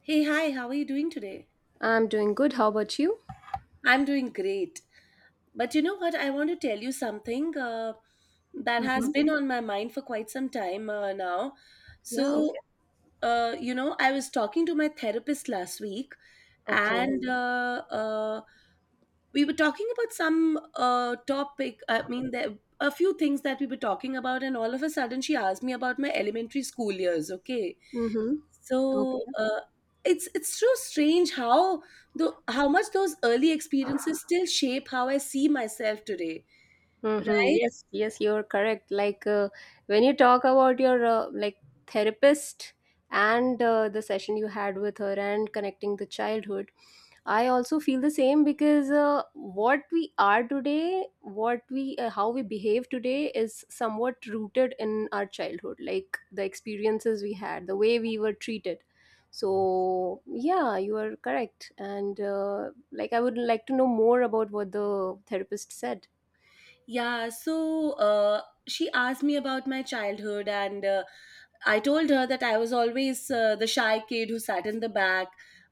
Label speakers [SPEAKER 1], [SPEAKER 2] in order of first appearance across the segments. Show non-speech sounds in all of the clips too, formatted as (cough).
[SPEAKER 1] Hey, hi, how are you doing today?
[SPEAKER 2] I'm doing good. How about you?
[SPEAKER 1] I'm doing great. But you know what? I want to tell you something, that has
[SPEAKER 2] Mm-hmm.
[SPEAKER 1] been on my mind for quite some time now.
[SPEAKER 2] Yeah,
[SPEAKER 1] So,
[SPEAKER 2] okay.
[SPEAKER 1] I was talking to my therapist last week,
[SPEAKER 2] Okay.
[SPEAKER 1] and we were talking about some topic. I mean, there a few things that we were talking about, and all of a sudden she asked me about my elementary school years. Okay.
[SPEAKER 2] Mm-hmm.
[SPEAKER 1] So
[SPEAKER 2] Okay.
[SPEAKER 1] uh, it's so strange how the how much those early experiences still shape how I see myself today,
[SPEAKER 2] Mm-hmm.
[SPEAKER 1] right?
[SPEAKER 2] Yes, yes, you're correct. Like when you talk about your like therapist and the session you had with her and connecting the childhood, I also feel the same because what we are today, what we how we behave today is somewhat rooted in our childhood, like the experiences we had, the way we were treated. So yeah, you are correct, and like I would like to know more about what the therapist said.
[SPEAKER 1] Yeah. She asked me about my childhood, and I told her that I was always the shy kid who sat in the back.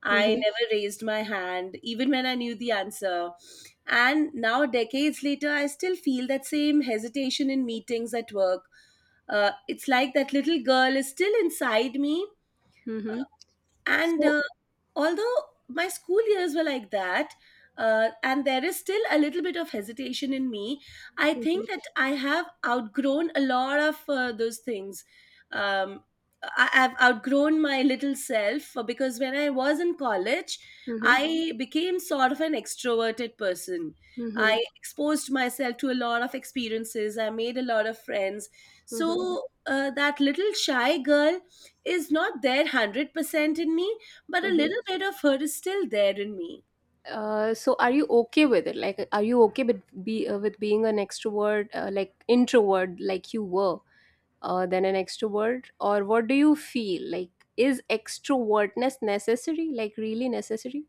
[SPEAKER 1] I
[SPEAKER 2] Mm-hmm.
[SPEAKER 1] never raised my hand, even when I knew the answer. And now, decades later, I still feel that same hesitation in meetings at work. It's like that little girl is still inside me,
[SPEAKER 2] Mm-hmm.
[SPEAKER 1] and
[SPEAKER 2] So.
[SPEAKER 1] although my school years were like that and there is still a little bit of hesitation in me, I
[SPEAKER 2] Mm-hmm.
[SPEAKER 1] think that I have outgrown a lot of those things. um, I've outgrown my little self because when I was in college
[SPEAKER 2] Mm-hmm.
[SPEAKER 1] I became sort of an extroverted person.
[SPEAKER 2] Mm-hmm.
[SPEAKER 1] I exposed myself to a lot of experiences, I made a lot of friends. So that little shy girl is not there 100% in me, but a
[SPEAKER 2] Mm-hmm.
[SPEAKER 1] little bit of her is still there in me.
[SPEAKER 2] So are you okay with it? Like, are you okay with be with being an extrovert, like introvert, like you were, than an extrovert, or what do you feel like? Is extrovertness necessary? Like, really necessary?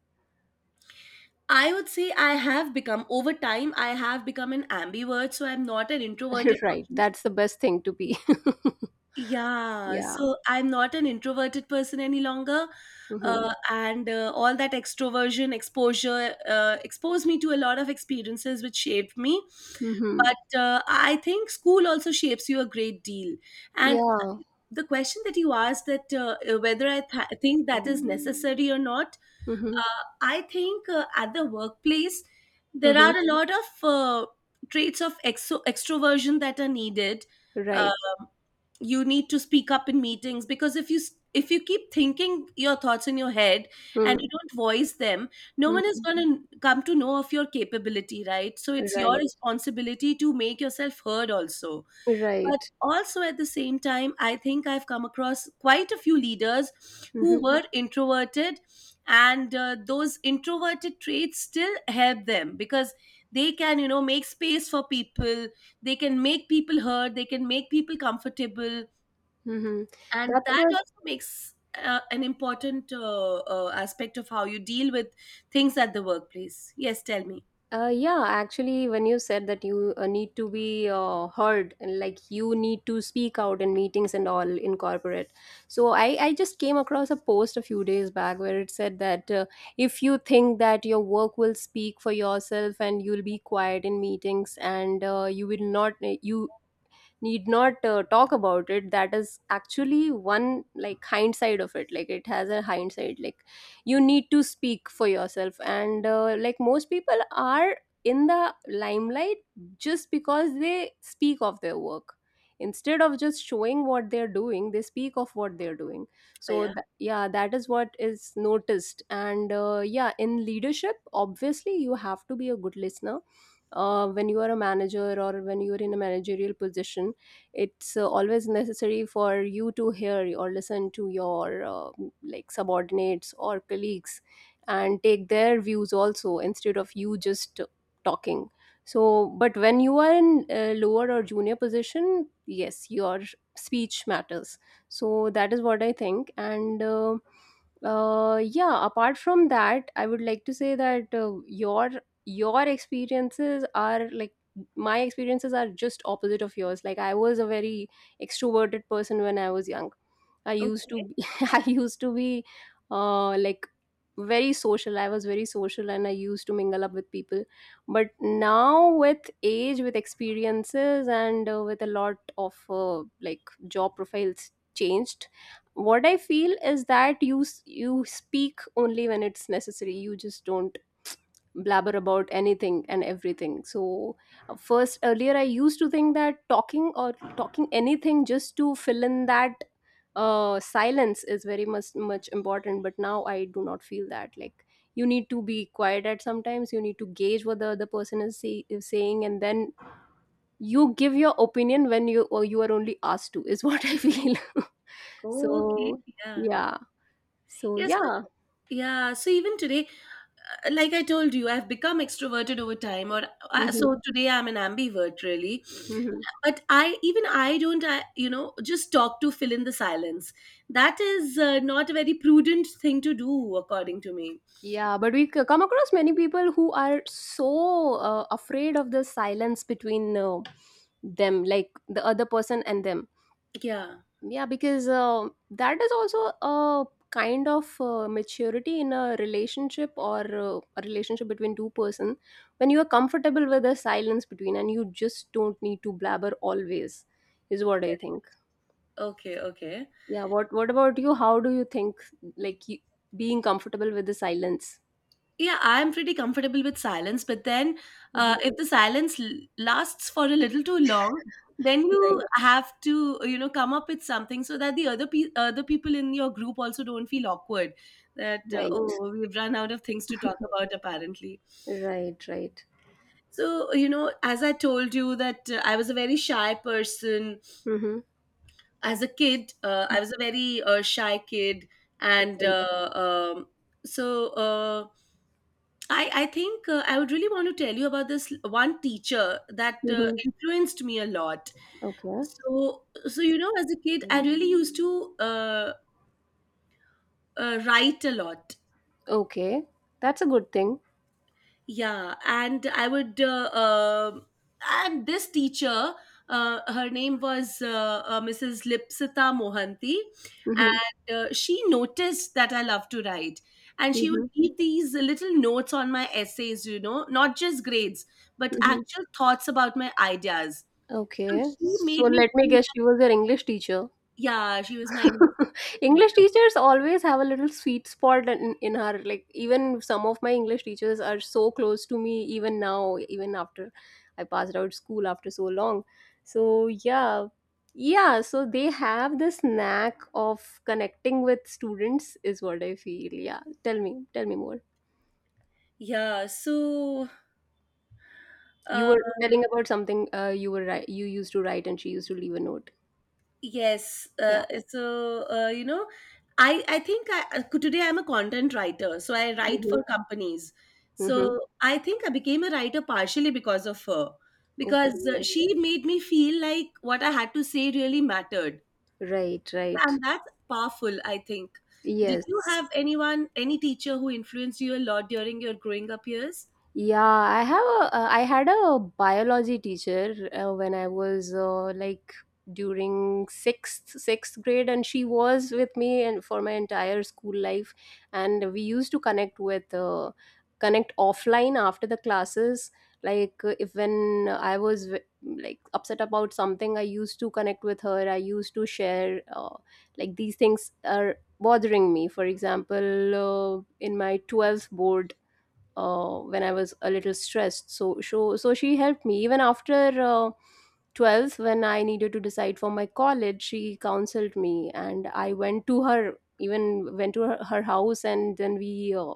[SPEAKER 1] I would say I have become, over time, I have become an ambivert. So I'm not an introverted
[SPEAKER 2] (laughs) Right,
[SPEAKER 1] person.
[SPEAKER 2] that's the best thing to be. (laughs)
[SPEAKER 1] Yeah.
[SPEAKER 2] Yeah.
[SPEAKER 1] So I'm not an introverted person any longer.
[SPEAKER 2] Mm-hmm.
[SPEAKER 1] And all that extroversion exposure exposed me to a lot of experiences which shaped me.
[SPEAKER 2] Mm-hmm.
[SPEAKER 1] But I think school also shapes you a great deal. And
[SPEAKER 2] Yeah.
[SPEAKER 1] the question that you asked, that whether I think that is necessary or not,
[SPEAKER 2] Mm-hmm.
[SPEAKER 1] I think, at the workplace there
[SPEAKER 2] Mm-hmm.
[SPEAKER 1] are a lot of traits of extroversion that are needed.
[SPEAKER 2] Right.
[SPEAKER 1] Um, you need to speak up in meetings, because if you keep thinking your thoughts in your head and
[SPEAKER 2] Mm-hmm.
[SPEAKER 1] you don't voice them, no one is
[SPEAKER 2] Mm-hmm.
[SPEAKER 1] going to come to know of your capability, right? So it's your
[SPEAKER 2] Right.
[SPEAKER 1] responsibility to make yourself heard also. But
[SPEAKER 2] Right.
[SPEAKER 1] also at the same time, I think I've come across quite a few leaders who
[SPEAKER 2] Mm-hmm.
[SPEAKER 1] were introverted, and those introverted traits still help them because they can, you know, make space for people, they can make people heard, they can make people comfortable.
[SPEAKER 2] Mm-hmm.
[SPEAKER 1] And
[SPEAKER 2] That's
[SPEAKER 1] that
[SPEAKER 2] what.
[SPEAKER 1] also makes an important aspect of how you deal with things at the workplace. Yes, tell me.
[SPEAKER 2] Yeah, actually, when you said that you need to be heard, and like you need to speak out in meetings and all in corporate, so I just came across a post a few days back where it said that if you think that your work will speak for yourself and you'll be quiet in meetings and you will not you need not talk about it, that is actually one, like, hindsight of it, like it has a hindsight. Like, you need to speak for yourself, and like most people are in the limelight just because they speak of their work. Instead of just showing what they're doing, they speak of what they're doing.
[SPEAKER 1] Oh,
[SPEAKER 2] So
[SPEAKER 1] yeah.
[SPEAKER 2] yeah, that is what is noticed. And yeah, in leadership, obviously you have to be a good listener. When you are a manager or when you are in a managerial position, it's always necessary for you to hear or listen to your like subordinates or colleagues, and take their views also instead of you just talking. So, but when you are in a lower or junior position, yes, your speech matters. So that is what I think. And yeah, apart from that, I would like to say that your experiences are like, my experiences are just opposite of yours. Like, I was a very extroverted person when I was young. I
[SPEAKER 1] Oh,
[SPEAKER 2] used to be, (laughs) I used to be like, very social. I was very social and I used to mingle up with people, but now with age, with experiences, and with a lot of like job profiles changed, what I feel is that you speak only when it's necessary. You just don't blabber about anything and everything. So, first, earlier I used to think that talking anything just to fill in that silence is very much much important. But now I do not feel that. Like, you need to be quiet at sometimes. You need to gauge what the other person is saying, and then you give your opinion when you are only asked to, is (laughs) what I feel. (laughs)
[SPEAKER 1] oh, okay.
[SPEAKER 2] So,
[SPEAKER 1] Yeah.
[SPEAKER 2] yeah. So,
[SPEAKER 1] Yes.
[SPEAKER 2] yeah.
[SPEAKER 1] Yeah. So even today, like I told you, I've become extroverted over time, or
[SPEAKER 2] Mhm.
[SPEAKER 1] so today I'm an ambivert, really.
[SPEAKER 2] Mhm.
[SPEAKER 1] But I, even I don't, I, you know, just talk to fill in the silence. That is not a very prudent thing to do, according to me.
[SPEAKER 2] Yeah, but we come across many people who are so afraid of the silence between them, like the other person and them.
[SPEAKER 1] Yeah.
[SPEAKER 2] Yeah, because that is also a kind of maturity in a relationship, or a relationship between two person, when you are comfortable with the silence between, and you just don't need to blabber always, is what I think.
[SPEAKER 1] Okay. Okay.
[SPEAKER 2] Yeah, what about you? How do you think, like you, being comfortable with the silence?
[SPEAKER 1] Yeah, I'm pretty comfortable with silence, but then
[SPEAKER 2] Mhm.
[SPEAKER 1] if the silence lasts for a little too long, then you
[SPEAKER 2] Right,
[SPEAKER 1] have to, you know, come up with something so that the other people in your group also don't feel awkward, that
[SPEAKER 2] right.
[SPEAKER 1] oh, we've run out of things to talk about apparently.
[SPEAKER 2] Right, right.
[SPEAKER 1] So, you know, as I told you that I was a very shy person
[SPEAKER 2] Mm-hmm.
[SPEAKER 1] as a kid, I was a very shy kid, and
[SPEAKER 2] Right.
[SPEAKER 1] um, so uh, I think, I would really want to tell you about this one teacher that
[SPEAKER 2] Mm-hmm.
[SPEAKER 1] influenced me a lot.
[SPEAKER 2] Okay.
[SPEAKER 1] So, so you know, as a kid, I really used to write a lot.
[SPEAKER 2] Okay. That's a good thing.
[SPEAKER 1] Yeah, and I would, and this teacher, her name was Mrs. Lipsita Mohanty,
[SPEAKER 2] Mm-hmm.
[SPEAKER 1] and she noticed that I love to write. And she would
[SPEAKER 2] Mm-hmm.
[SPEAKER 1] leave these little notes on my essays, you know, not just grades, but
[SPEAKER 2] Mm-hmm.
[SPEAKER 1] actual thoughts about my ideas. So
[SPEAKER 2] Okay.
[SPEAKER 1] she
[SPEAKER 2] So
[SPEAKER 1] made me
[SPEAKER 2] let me
[SPEAKER 1] feel like,
[SPEAKER 2] guess, she was your English teacher.
[SPEAKER 1] yeah, she was my English
[SPEAKER 2] (laughs) English
[SPEAKER 1] teacher.
[SPEAKER 2] teachers always have a little sweet spot in her. Like, even some of my English teachers are so close to me, even now, even after I passed out school after so long. So, yeah. Yeah, so they have this knack of connecting with students, is what I feel. Yeah. Tell me more.
[SPEAKER 1] Yeah, so
[SPEAKER 2] You
[SPEAKER 1] uh,
[SPEAKER 2] were telling about something, you were you used to write, and she used to leave a note.
[SPEAKER 1] yes,
[SPEAKER 2] Yeah.
[SPEAKER 1] you know, I think I, today I'm a content writer, so I write
[SPEAKER 2] Mm-hmm.
[SPEAKER 1] for companies.
[SPEAKER 2] Mm-hmm.
[SPEAKER 1] So I think I became a writer partially because of her, because
[SPEAKER 2] Okay.
[SPEAKER 1] she made me feel like what I had to say really mattered,
[SPEAKER 2] Right, right.
[SPEAKER 1] and that's powerful, I think. Did you
[SPEAKER 2] Yes.
[SPEAKER 1] have anyone, any teacher who influenced you a lot during your growing up years?
[SPEAKER 2] Yeah, I had a biology teacher when I was like during sixth grade, and she was with me and for my entire school life, and we used to connect offline after the classes. If when I was like upset about something, I used to connect with her. I used to share, like, these things are bothering me. For example, in my 12th board, when I was a little stressed. So she helped me. Even after 12th, when I needed to decide for my college, she counseled me, and I went to her, even went to her house, and then we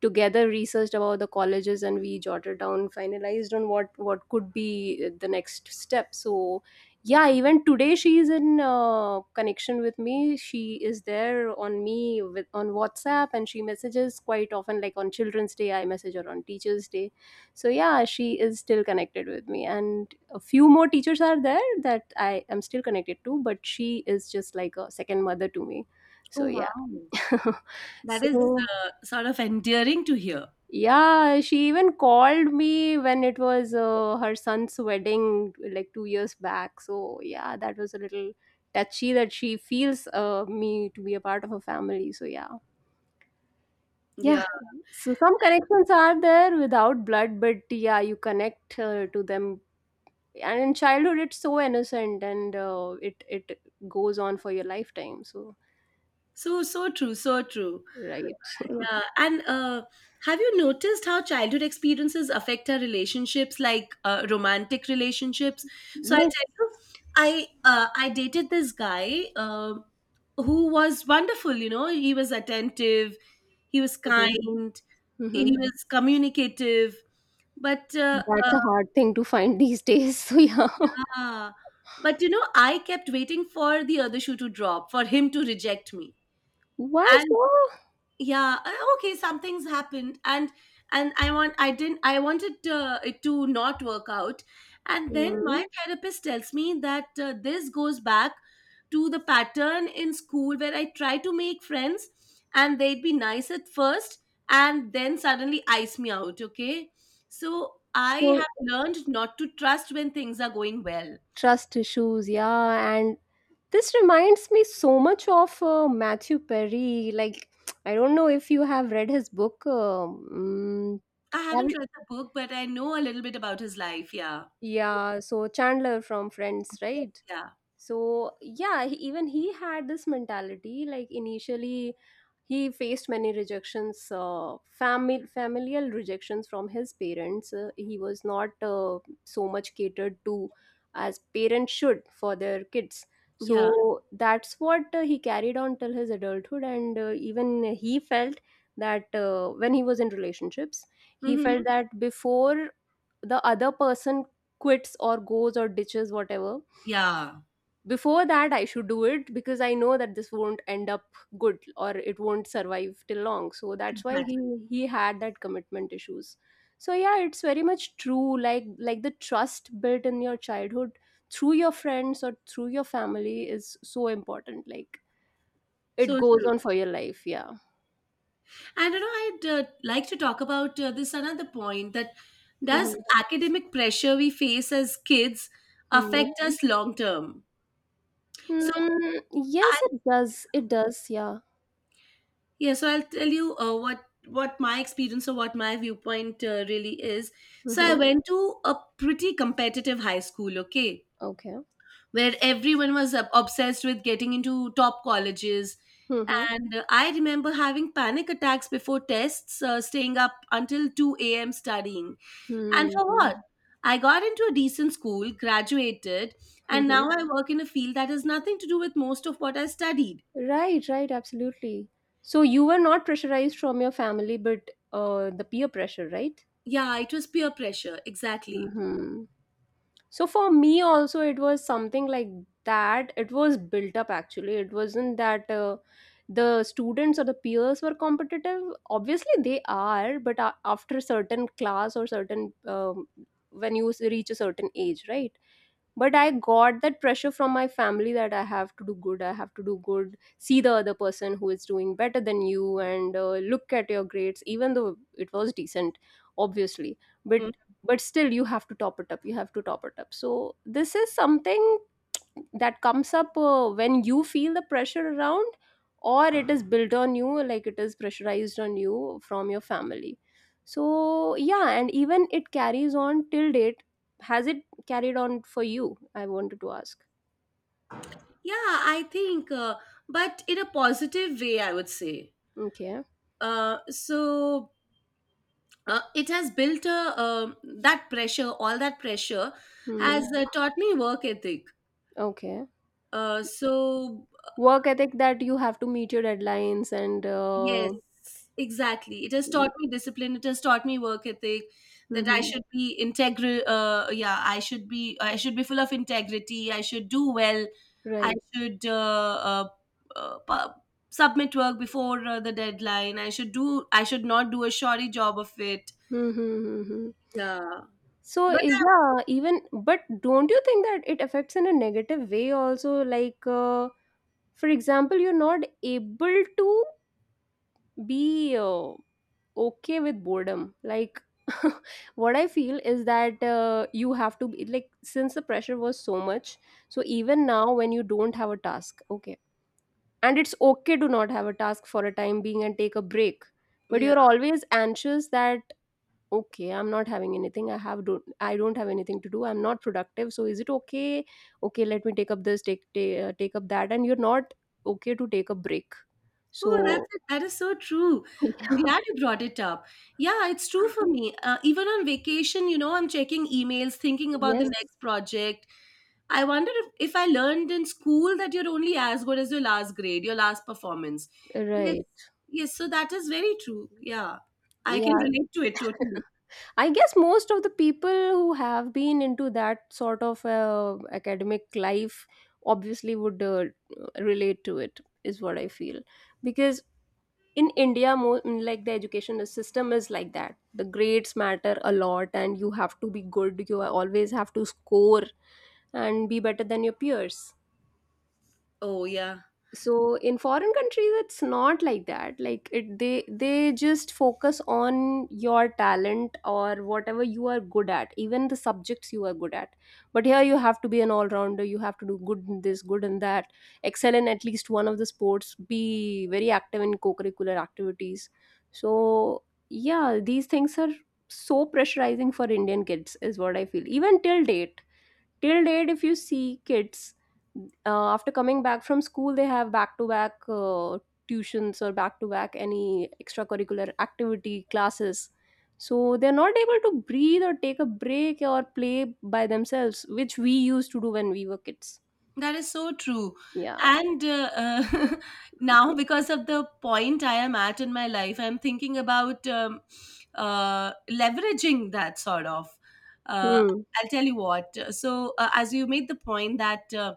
[SPEAKER 2] together researched about the colleges and we jotted down, finalized on what could be the next step. So yeah, even today she is in connection with me. She is there on me with on WhatsApp, and she messages quite often. Like, on Children's Day I message her, on Teachers Day. So yeah, she is still connected with me, and a few more teachers are there that I am still connected to, but she is just like a second mother to me.
[SPEAKER 1] Oh
[SPEAKER 2] So
[SPEAKER 1] wow,
[SPEAKER 2] yeah. (laughs)
[SPEAKER 1] that is
[SPEAKER 2] So
[SPEAKER 1] sort of endearing to hear.
[SPEAKER 2] yeah, she even called me when it was her son's wedding, like 2 years back. So, yeah, that was a little touchy, that she feels, me to be a part of her family. So, yeah. Yeah.
[SPEAKER 1] Yeah.
[SPEAKER 2] So some connections are there without blood, but yeah, you connect to them. And in childhood it's so innocent, and it goes on for your lifetime. So,
[SPEAKER 1] So, so true, so true.
[SPEAKER 2] right.
[SPEAKER 1] Yeah. Yeah, and have you noticed how childhood experiences affect our relationships, like romantic relationships? So I tell
[SPEAKER 2] Yes.
[SPEAKER 1] you, I, I dated this guy who was wonderful. You know, he was attentive, he was
[SPEAKER 2] Mhm.
[SPEAKER 1] kind, he
[SPEAKER 2] Mhm.
[SPEAKER 1] was communicative. But
[SPEAKER 2] That's a hard thing to find these days. (laughs) So, yeah.
[SPEAKER 1] ah, but you know, I kept waiting for the other shoe to drop, for him to reject me.
[SPEAKER 2] Why
[SPEAKER 1] And
[SPEAKER 2] so?
[SPEAKER 1] yeah, okay, some things happened, and I want, I didn't, I wanted it to not work out. And then my
[SPEAKER 2] Mm.
[SPEAKER 1] therapist tells me that this goes back to the pattern in school where I try to make friends and they'd be nice at first, and then suddenly ice me out. Okay, so I
[SPEAKER 2] So,
[SPEAKER 1] have learned not to trust when things are going well.
[SPEAKER 2] trust issues, yeah. And this reminds me so much of Matthew Perry. Like, I don't know if you have read his book.
[SPEAKER 1] I
[SPEAKER 2] Have
[SPEAKER 1] haven't
[SPEAKER 2] you?
[SPEAKER 1] read the book, but I know a little bit about his life. Yeah,
[SPEAKER 2] Yeah, so Chandler from Friends, right?
[SPEAKER 1] yeah,
[SPEAKER 2] So yeah, even he had this mentality. Like, initially he faced many rejections, family familial rejections from his parents, he was not so much catered to as parents should for their kids.
[SPEAKER 1] yeah,
[SPEAKER 2] So that's what, he carried on till his adulthood. And even he felt that, when he was in relationships, he felt
[SPEAKER 1] hmm,
[SPEAKER 2] that before the other person quits or goes or ditches, whatever,
[SPEAKER 1] yeah,
[SPEAKER 2] before that I should do it because I know that this won't end up good or it won't survive till long. So that's why
[SPEAKER 1] exactly.
[SPEAKER 2] he had that commitment issues. So yeah, it's very much true. Like the trust built in your childhood through your friends or through your family is so important. Like, it
[SPEAKER 1] So
[SPEAKER 2] goes
[SPEAKER 1] true.
[SPEAKER 2] on for your life. Yeah.
[SPEAKER 1] And you know, I'd like to talk about this another point, that does
[SPEAKER 2] Mm-hmm.
[SPEAKER 1] academic pressure we face as kids
[SPEAKER 2] Hmm.
[SPEAKER 1] affect us long term? So
[SPEAKER 2] Mm,
[SPEAKER 1] I,
[SPEAKER 2] yes it does, it does. Yeah.
[SPEAKER 1] yeah, so I'll tell you what my experience or what my viewpoint really is. So I
[SPEAKER 2] Mm-hmm.
[SPEAKER 1] went to a pretty competitive high school, okay,
[SPEAKER 2] Okay.
[SPEAKER 1] where everyone was obsessed with getting into top colleges.
[SPEAKER 2] Mm-hmm.
[SPEAKER 1] And I remember having panic attacks before tests, staying up until 2 a.m. studying. And for
[SPEAKER 2] Hmm.
[SPEAKER 1] what? I got into a decent school, graduated, and now I
[SPEAKER 2] (laughs)
[SPEAKER 1] work in a field that has nothing to do with most of what I studied.
[SPEAKER 2] Right, right, absolutely. So you were not pressurized from your family, but the peer pressure, right?
[SPEAKER 1] Yeah, it was peer pressure, exactly.
[SPEAKER 2] Hmm. So for me also, it was something like that. It was built up, actually. It wasn't that the students or the peers were competitive. Obviously, they are, but after a certain class or certain, when reach a certain age, right? But I got that pressure from my family that I have to do good, I have to do good. See the other person who is doing better than you, and look at your grades, even though it was decent, obviously, but
[SPEAKER 1] Hmm.
[SPEAKER 2] still you have to top it up, you have to top it up. So this is something that comes up when you feel the pressure around, or it is built on you, like it is pressurized on you from your family. So yeah, and even it carries on till date. Has it carried on for you? I wanted to ask.
[SPEAKER 1] Yeah, I think, but in a positive way, I would say.
[SPEAKER 2] Okay.
[SPEAKER 1] Uh, so it has built a, that pressure, all that pressure
[SPEAKER 2] Hmm.
[SPEAKER 1] has taught me work ethic.
[SPEAKER 2] Okay.
[SPEAKER 1] Uh, so
[SPEAKER 2] Work ethic, that you have to meet your deadlines, and
[SPEAKER 1] Yes, exactly. It has taught me discipline. It has taught me work ethic. That I
[SPEAKER 2] mm-hmm.
[SPEAKER 1] should be integral. Yeah, I should be. I should be full of integrity. I should do well. I
[SPEAKER 2] Right.
[SPEAKER 1] should uh, pu- submit work before the deadline. I should do. I should not do a shoddy job of it.
[SPEAKER 2] Mm-hmm.
[SPEAKER 1] Yeah,
[SPEAKER 2] So,
[SPEAKER 1] but
[SPEAKER 2] yeah, even, but don't you think that it affects in a negative way also? Like, for example, you're not able to be okay with boredom, like (laughs) what I feel is that you have to be like, since the pressure was so much, so even now when you don't have a task, okay, and it's okay to not have a task for a time being and take a break,
[SPEAKER 1] I,
[SPEAKER 2] but
[SPEAKER 1] yeah.
[SPEAKER 2] you're always anxious that okay, I'm not having anything, I have don't, I don't have anything to do, I'm not productive, so is it okay? Okay, let me take up this, take up that, and you're not okay to take a break.
[SPEAKER 1] Oh,
[SPEAKER 2] So,
[SPEAKER 1] that's, that is so true. I'm
[SPEAKER 2] (laughs)
[SPEAKER 1] glad you brought it up. Yeah, it's true for me. Even on vacation, you know, I'm checking emails, thinking about the
[SPEAKER 2] yes,
[SPEAKER 1] next project. I wonder if I learned in school that you're only as good as your last grade, your last performance. Yes,
[SPEAKER 2] right.
[SPEAKER 1] yes, so that is very true. Yeah, I can
[SPEAKER 2] Yeah,
[SPEAKER 1] relate to it totally.
[SPEAKER 2] I guess most of the people who have been into that sort of academic life obviously would relate to it, is what I feel. Because in India, like the education system is like that. The grades matter a lot, and you have to be good. You always have to score and be better than your peers.
[SPEAKER 1] Oh, yeah.
[SPEAKER 2] So in foreign countries it's not like that, like it, they just focus on your talent or whatever you are good at, even the subjects you are good at. But here you have to be an all-rounder, you have to do good in this, good in that, excel in at least one of the sports, be very active in co-curricular activities. So yeah, these things are so pressurizing for Indian kids, is what I feel. Even till date, till date if you see kids, after coming back from school they have back to back tuitions or back to back any extracurricular activity classes, so they're not able to breathe or take a break or play by themselves, which we used to do when we were kids.
[SPEAKER 1] That is so true.
[SPEAKER 2] Yeah.
[SPEAKER 1] And (laughs) now, because of the point I am at in my life, I'm thinking about leveraging that sort of. Uh,
[SPEAKER 2] Hmm.
[SPEAKER 1] I'll tell you what. So, as you made the point that uh,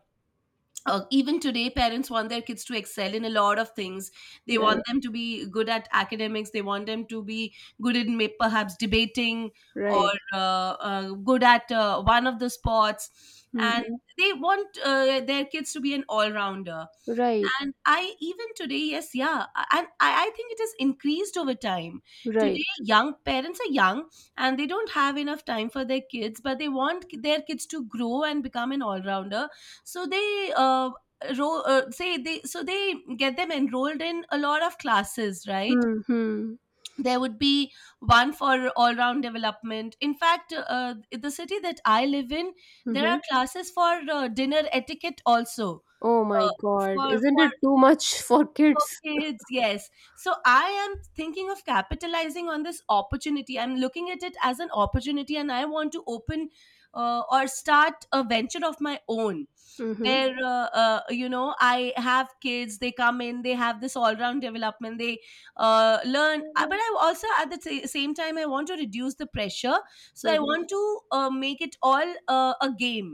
[SPEAKER 1] uh, even today parents want their kids to excel in a lot of things, they want
[SPEAKER 2] Right,
[SPEAKER 1] them to be good at academics, they want them to be good in, perhaps debating, or
[SPEAKER 2] right.
[SPEAKER 1] good at one of the sports, and
[SPEAKER 2] Mm-hmm.
[SPEAKER 1] they want their kids to be an all-rounder.
[SPEAKER 2] Right,
[SPEAKER 1] And I, even today, yes, yeah, and I think it has increased over time. Today,
[SPEAKER 2] right.
[SPEAKER 1] young parents are young and they don't have enough time for their kids, but they want their kids to grow and become an all rounder. So they ro- say they so they get them enrolled in a lot of classes, right?
[SPEAKER 2] Mm-hmm.
[SPEAKER 1] There would be one for all round development. In fact, in the city that I live in, there
[SPEAKER 2] Mm-hmm.
[SPEAKER 1] are classes for dinner etiquette also.
[SPEAKER 2] Oh
[SPEAKER 1] Uh,
[SPEAKER 2] my god,
[SPEAKER 1] for
[SPEAKER 2] isn't
[SPEAKER 1] for
[SPEAKER 2] it too much (laughs) for
[SPEAKER 1] for
[SPEAKER 2] kids?
[SPEAKER 1] kids, yes. So I am thinking of capitalizing on this opportunity. I'm looking at it as an opportunity, and I want to open or start a venture of my own
[SPEAKER 2] Mm-hmm.
[SPEAKER 1] where I have kids, they come in, they have this all round development, they learn. But I also at the same time I want to reduce the pressure, so I
[SPEAKER 2] Mm-hmm.
[SPEAKER 1] want to make it all a game.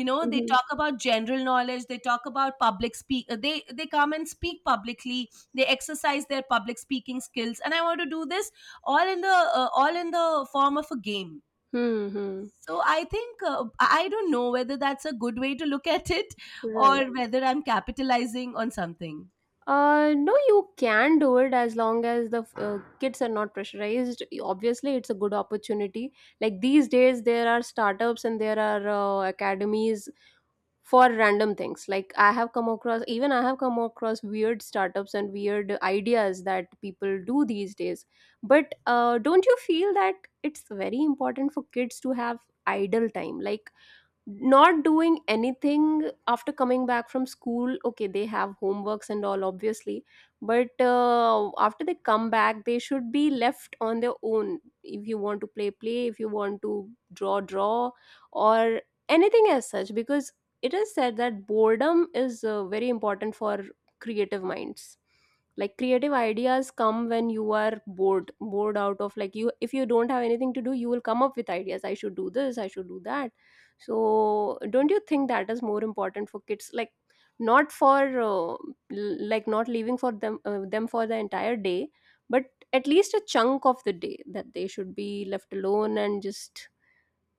[SPEAKER 1] You know, they
[SPEAKER 2] Mm-hmm.
[SPEAKER 1] talk about general knowledge, they talk about public speak. They come and speak publicly, they exercise their public speaking skills, and I want to do this all in the form of a game.
[SPEAKER 2] Mm-hmm.
[SPEAKER 1] So I think I don't know whether that's a good way to look at it or
[SPEAKER 2] Right.
[SPEAKER 1] (laughs) whether I'm capitalizing on something.
[SPEAKER 2] No, you can do it as long as the kids are not pressurized. Obviously, it's a good opportunity. Like these days, there are startups and there are academies for random things. Like, I have come across, even I have come across weird startups and weird ideas that people do these days. But don't you feel that it's very important for kids to have idle time? Like, not doing anything after coming back from school, okay, they have homeworks and all obviously, but after they come back they should be left on their own. If you want to play, play. If you want to draw, draw. Or anything as such, because it is said that boredom is very important for creative minds, like creative ideas come when you are bored, bored out of, like, you, if you don't have anything to do, you will come up with ideas, I should do this, I should do that. So don't you think that is more important for kids, like not for like not leaving for them them for the entire day, but at least a chunk of the day that they should be left alone and just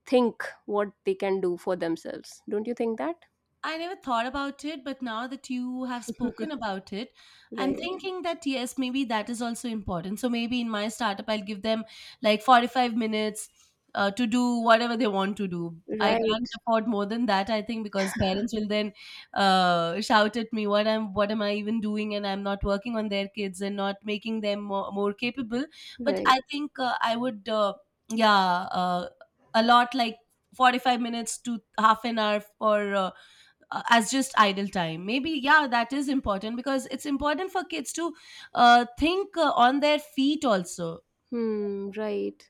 [SPEAKER 2] think what they can do for themselves, don't you think that?
[SPEAKER 1] I never thought about it, but now that you have spoken
[SPEAKER 2] (laughs)
[SPEAKER 1] about it, I'm
[SPEAKER 2] Right,
[SPEAKER 1] thinking that yes, maybe that is also important. So maybe in my startup, I'll give them like 45 minutes to do whatever they want to do. I
[SPEAKER 2] right,
[SPEAKER 1] can't afford more than that, I think, because parents will then shout at me, What am I even doing?" And I'm not working on their kids and not making them more capable. But
[SPEAKER 2] right.
[SPEAKER 1] I think I would, yeah, uh, a lot like 45 minutes to half an hour for. As just idle time, maybe, yeah, that is important because it's important for kids to think on their feet also.
[SPEAKER 2] Hmm. Right.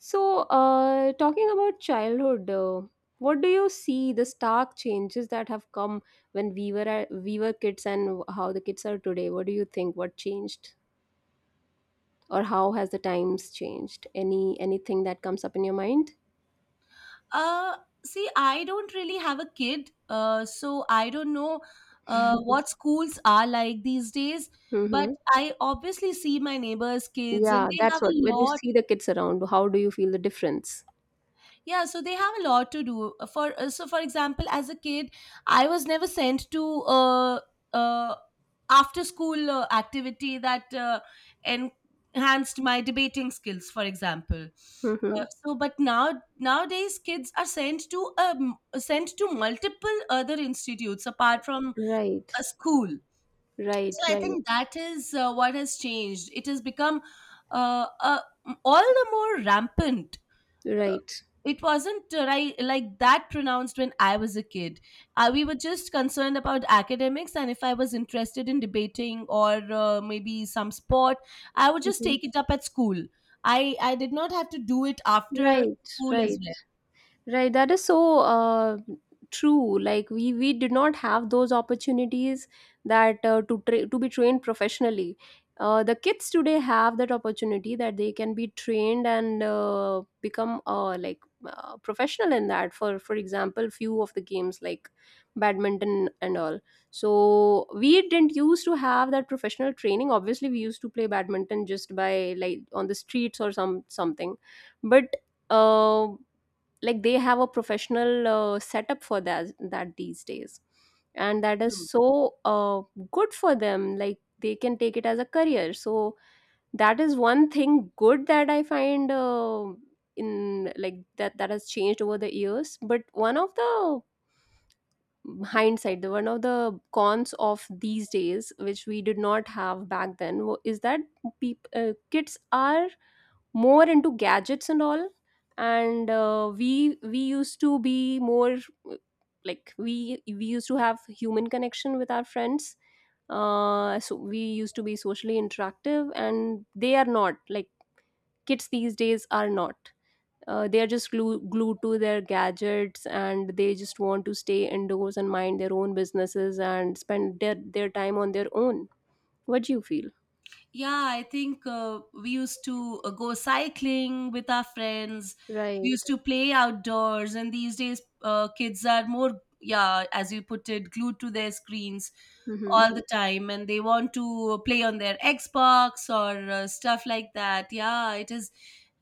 [SPEAKER 2] So, talking about childhood, what do you see, the stark changes that have come when we we were kids and how the kids are today? What do you think? What changed, or how has the times changed? Anything that comes up in your mind?
[SPEAKER 1] uh See, I don't really have a kid, so I don't know what
[SPEAKER 2] (laughs)
[SPEAKER 1] schools are like these days. But
[SPEAKER 2] Mm-hmm.
[SPEAKER 1] I obviously see my neighbors kids and
[SPEAKER 2] Yeah,
[SPEAKER 1] they have
[SPEAKER 2] that's what.
[SPEAKER 1] a
[SPEAKER 2] When you
[SPEAKER 1] lot.
[SPEAKER 2] see the kids around, how do you feel the difference?
[SPEAKER 1] Yeah, so they have a lot to do. For So, for example, as a kid, I was never sent to uh, after school activity that enhanced my debating skills, for example.
[SPEAKER 2] Mm-hmm.
[SPEAKER 1] So, but now nowadays, kids are sent to sent to multiple other institutes apart from
[SPEAKER 2] Right,
[SPEAKER 1] a school.
[SPEAKER 2] right,
[SPEAKER 1] So I
[SPEAKER 2] right,
[SPEAKER 1] think that is what has changed. It has become uh, uh, all the more rampant.
[SPEAKER 2] right.
[SPEAKER 1] It wasn't like that pronounced when I was a kid. We were just concerned about academics, and if I was interested in debating or maybe some sport, I would just
[SPEAKER 2] Hmm.
[SPEAKER 1] take it up at school. I did not have to do it after
[SPEAKER 2] Right,
[SPEAKER 1] school as
[SPEAKER 2] right. Right, that is so true. Like we did not have those opportunities that to to be trained professionally. The kids today have that opportunity that they can be trained and become like professional in that. For example, few of the games like badminton and all. So we didn't used to have that professional training. Obviously, we used to play badminton just by, like, on the streets or some something, but. Um, like they have a professional setup for that these days, and that is
[SPEAKER 1] well.
[SPEAKER 2] so good for them, like they can take it as a career, so that is one thing good that I find in, like, that has changed over the years. But one of the hindsight, the one of the cons of these days which we did not have back then, is that, kids are more into gadgets and all. And we used to be more uh, like, we used to have human connection with our friends, so we used to be socially interactive, and they are not, like, kids these days are not, they are just glued to their gadgets, and they just want to stay indoors and mind their own businesses and spend their time on their own. What do you feel?
[SPEAKER 1] Yeah, I think we used to go cycling with our friends. We used
[SPEAKER 2] Right.
[SPEAKER 1] to play outdoors, and these days, kids are more, yeah, as you put it, glued to their screens
[SPEAKER 2] Mm-hmm.
[SPEAKER 1] all the time, and they want to play on their Xbox or stuff like that. Yeah, it is,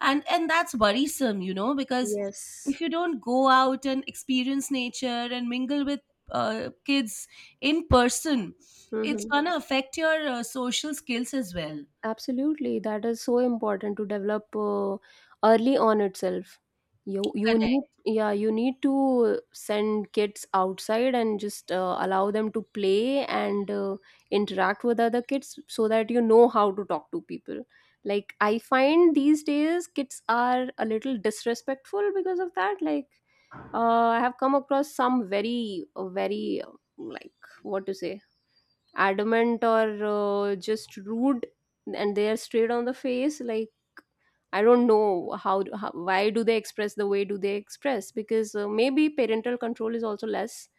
[SPEAKER 1] and that's worrisome, you know, because
[SPEAKER 2] Yes.
[SPEAKER 1] if you don't go out and experience nature and mingle with kids in person, it's
[SPEAKER 2] Mm-hmm.
[SPEAKER 1] gonna affect your social skills as well.
[SPEAKER 2] Absolutely, that is so important to develop early on itself. You
[SPEAKER 1] Correct.
[SPEAKER 2] need, yeah, you need to send kids outside and just allow them to play and interact with other kids so that you know how to talk to people. Like, I find these days kids are a little disrespectful because of that. Like, I have come across some very very like, what to say, adamant or just rude, and they are straight on the face, like, I don't know how, why do they express the way do they express, because maybe parental control is also less.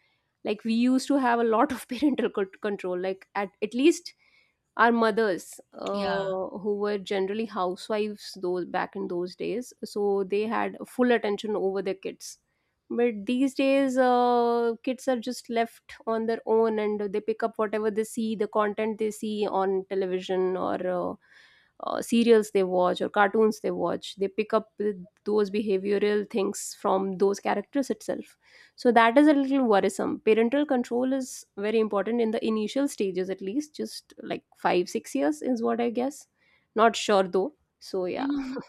[SPEAKER 2] Like we used to have a lot of (laughs) parental control. Like, at least our mothers,
[SPEAKER 1] Yeah.
[SPEAKER 2] who were generally housewives those back in those days, so they had full attention over their kids. But these days kids are just left on their own, and they pick up whatever they see, the content they see on television or serials they watch or cartoons they watch, they pick up with those behavioral things from those characters itself. So that is a little worrisome. Parental control is very important in the initial stages, at least just like 5 6 years, is what I guess. Not sure though, so yeah.
[SPEAKER 1] Mhm.
[SPEAKER 2] (laughs)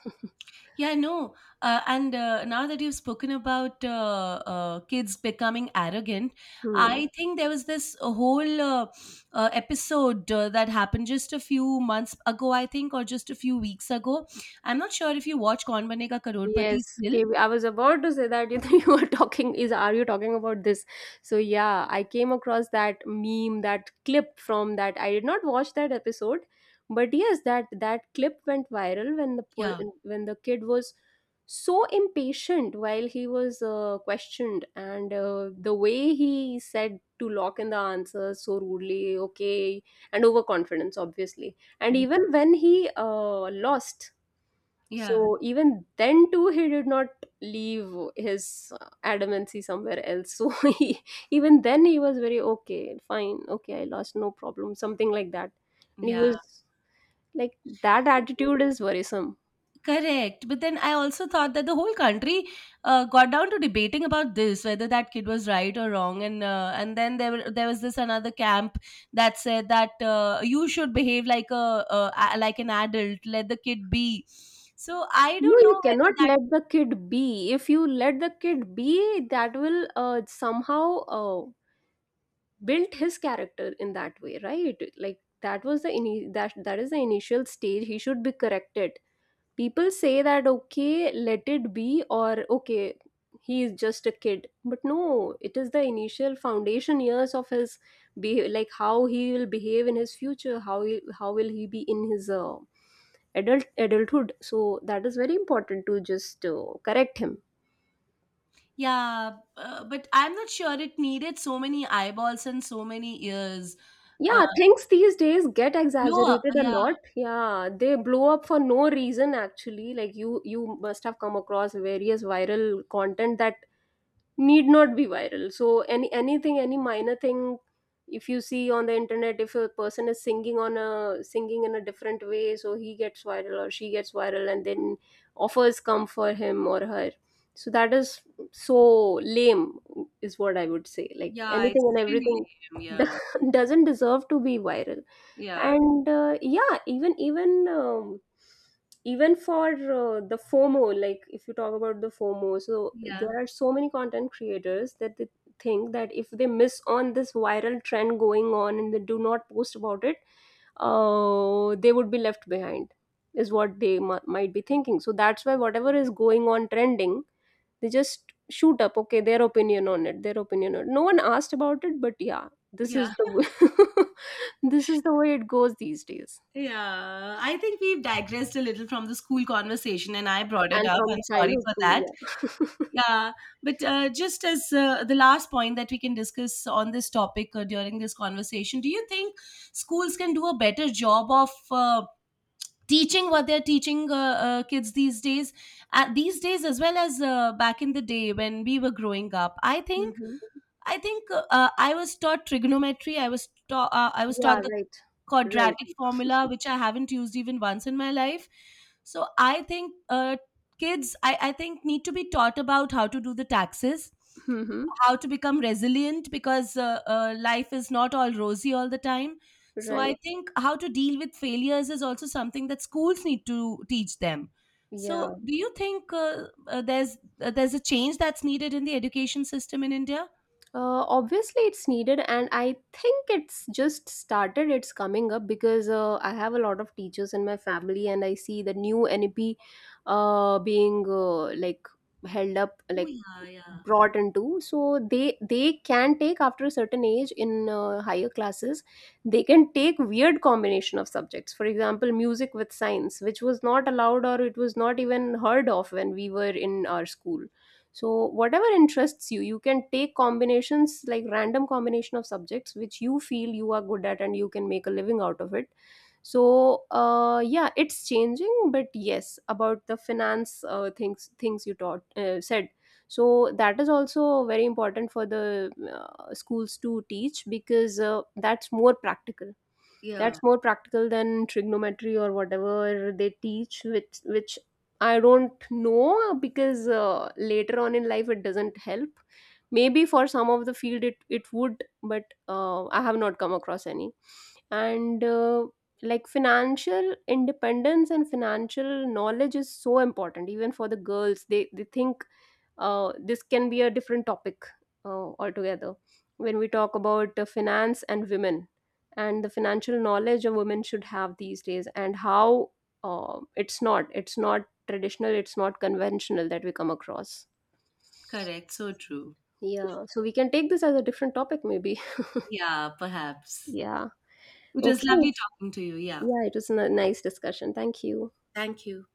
[SPEAKER 1] Yeah, no. And Now that you've spoken about kids becoming arrogant,
[SPEAKER 2] Hmm.
[SPEAKER 1] I think there was this whole episode that happened just a few months ago, I think, or just a few weeks ago. I'm not sure if you watch Kaun Banega Karorpati
[SPEAKER 2] Yes,
[SPEAKER 1] still.
[SPEAKER 2] KB. I was about to say that, (laughs) you were talking, is, are you talking about this? So yeah, I came across that meme, that clip from that. I did not watch that episode, but yes, that clip went viral when the
[SPEAKER 1] Yeah,
[SPEAKER 2] when the kid was so impatient while he was questioned, and the way he said to lock in the answers so rudely, okay, and overconfidence, obviously, and
[SPEAKER 1] yeah,
[SPEAKER 2] even when he lost,
[SPEAKER 1] yeah.
[SPEAKER 2] so even then too, he did not leave his adamancy somewhere else. So (laughs) he, even then he was very okay, fine, okay, I lost, no problem, something like that. And he was like, that
[SPEAKER 1] (laughs) Yeah.
[SPEAKER 2] attitude is worrisome.
[SPEAKER 1] Correct. But then I also thought that the whole country got down to debating about this, whether that kid was right or wrong. And then there was this another camp that said that you should behave like like an adult, let the kid be. So I
[SPEAKER 2] No,
[SPEAKER 1] don't know
[SPEAKER 2] you cannot
[SPEAKER 1] whether that.
[SPEAKER 2] let the kid be. If you let the kid be, that will somehow build his character in that way, right? Like that was the that is the initial stage. He should be corrected. People say that okay, let it be, or okay, he is just a kid, but no, it is the initial foundation years of his, be like how he will behave in his future, how will he be in his adulthood. So that is very important to just correct him.
[SPEAKER 1] Yeah, but I'm not sure it needed so many eyeballs and so many ears. Uh,
[SPEAKER 2] Yeah, things these days get
[SPEAKER 1] no,
[SPEAKER 2] exaggerated
[SPEAKER 1] yeah,
[SPEAKER 2] a lot. Yeah, they blow up for no reason actually. Like, you must have come across various viral content that need not be viral. So anything, any minor thing, if you see on the internet, if a person is singing on a singing in a different way, so he gets viral or she gets viral, and then offers come for him or her. So that is so lame, is what I would say, like,
[SPEAKER 1] yeah,
[SPEAKER 2] anything
[SPEAKER 1] it's
[SPEAKER 2] and
[SPEAKER 1] really
[SPEAKER 2] everything.
[SPEAKER 1] lame. Yeah,
[SPEAKER 2] (laughs) Doesn't deserve to be viral.
[SPEAKER 1] yeah,
[SPEAKER 2] And yeah, even for the FOMO, like if you talk about the FOMO, so
[SPEAKER 1] yeah,
[SPEAKER 2] there are so many content creators that they think that if they miss on this viral trend going on and they do not post about it, they would be left behind, is what they might be thinking. So that's why whatever is going on trending, they just shoot up, okay, their opinion on it, their opinion on it. No one asked about it, but yeah, this
[SPEAKER 1] yeah.
[SPEAKER 2] is the way, (laughs) this is the way it goes these days,
[SPEAKER 1] Yeah, I think we've digressed a little from the school conversation, and I brought it
[SPEAKER 2] and
[SPEAKER 1] up.
[SPEAKER 2] from
[SPEAKER 1] I'm sorry
[SPEAKER 2] childhood
[SPEAKER 1] for
[SPEAKER 2] too,
[SPEAKER 1] that.
[SPEAKER 2] yeah. (laughs)
[SPEAKER 1] Yeah, but just as the last point that we can discuss on this topic during this conversation, do you think schools can do a better job of teaching what they're teaching kids these days? These days, as well as back in the day when we were growing up, I think
[SPEAKER 2] Mhm.
[SPEAKER 1] I think I was taught trigonometry. I was taught
[SPEAKER 2] Yeah,
[SPEAKER 1] the
[SPEAKER 2] right. Right.
[SPEAKER 1] quadratic formula, which I haven't used even once in my life. So I think kids, I think need to be taught about how to do the taxes,
[SPEAKER 2] Mhm.
[SPEAKER 1] how to become resilient because life is not all rosy all the time. So I
[SPEAKER 2] Right.
[SPEAKER 1] think how to deal with failures is also something that schools need to teach them. So
[SPEAKER 2] Yeah.
[SPEAKER 1] do you think there's a change that's needed in the education system in India?
[SPEAKER 2] Obviously, it's needed, and I think it's just started. It's coming up because I have a lot of teachers in my family, and I see the new NEP being like held up,
[SPEAKER 1] Oh,
[SPEAKER 2] like
[SPEAKER 1] yeah, yeah.
[SPEAKER 2] brought into. So they can take after a certain age in higher classes. They can take weird combination of subjects. For example, music with science, which was not allowed or it was not even heard of when we were in our school. So whatever interests you, you can take combinations, like random combination of subjects which you feel you are good at, and you can make a living out of it. So yeah, it's changing. But yes, about the finance, things you taught, said, so that is also very important for the schools to teach, because that's more practical. That's more practical than trigonometry or whatever they teach, which I don't know. Because later on in life it doesn't help. Maybe for some of the field it would, but I have not come across any. And like, financial independence and financial knowledge is so important, even for the girls. They think this can be a different topic altogether, when we talk about finance and women, and the financial knowledge a woman should have these days, and how it's not traditional, it's not conventional, that we come across.
[SPEAKER 1] Correct. So true.
[SPEAKER 2] Yeah, so we can take this as a different topic maybe.
[SPEAKER 1] Yeah,
[SPEAKER 2] (laughs)
[SPEAKER 1] perhaps.
[SPEAKER 2] Yeah.
[SPEAKER 1] It was
[SPEAKER 2] Okay.
[SPEAKER 1] lovely talking to you. Yeah.
[SPEAKER 2] Yeah, it was a nice discussion, thank you.
[SPEAKER 1] Thank you.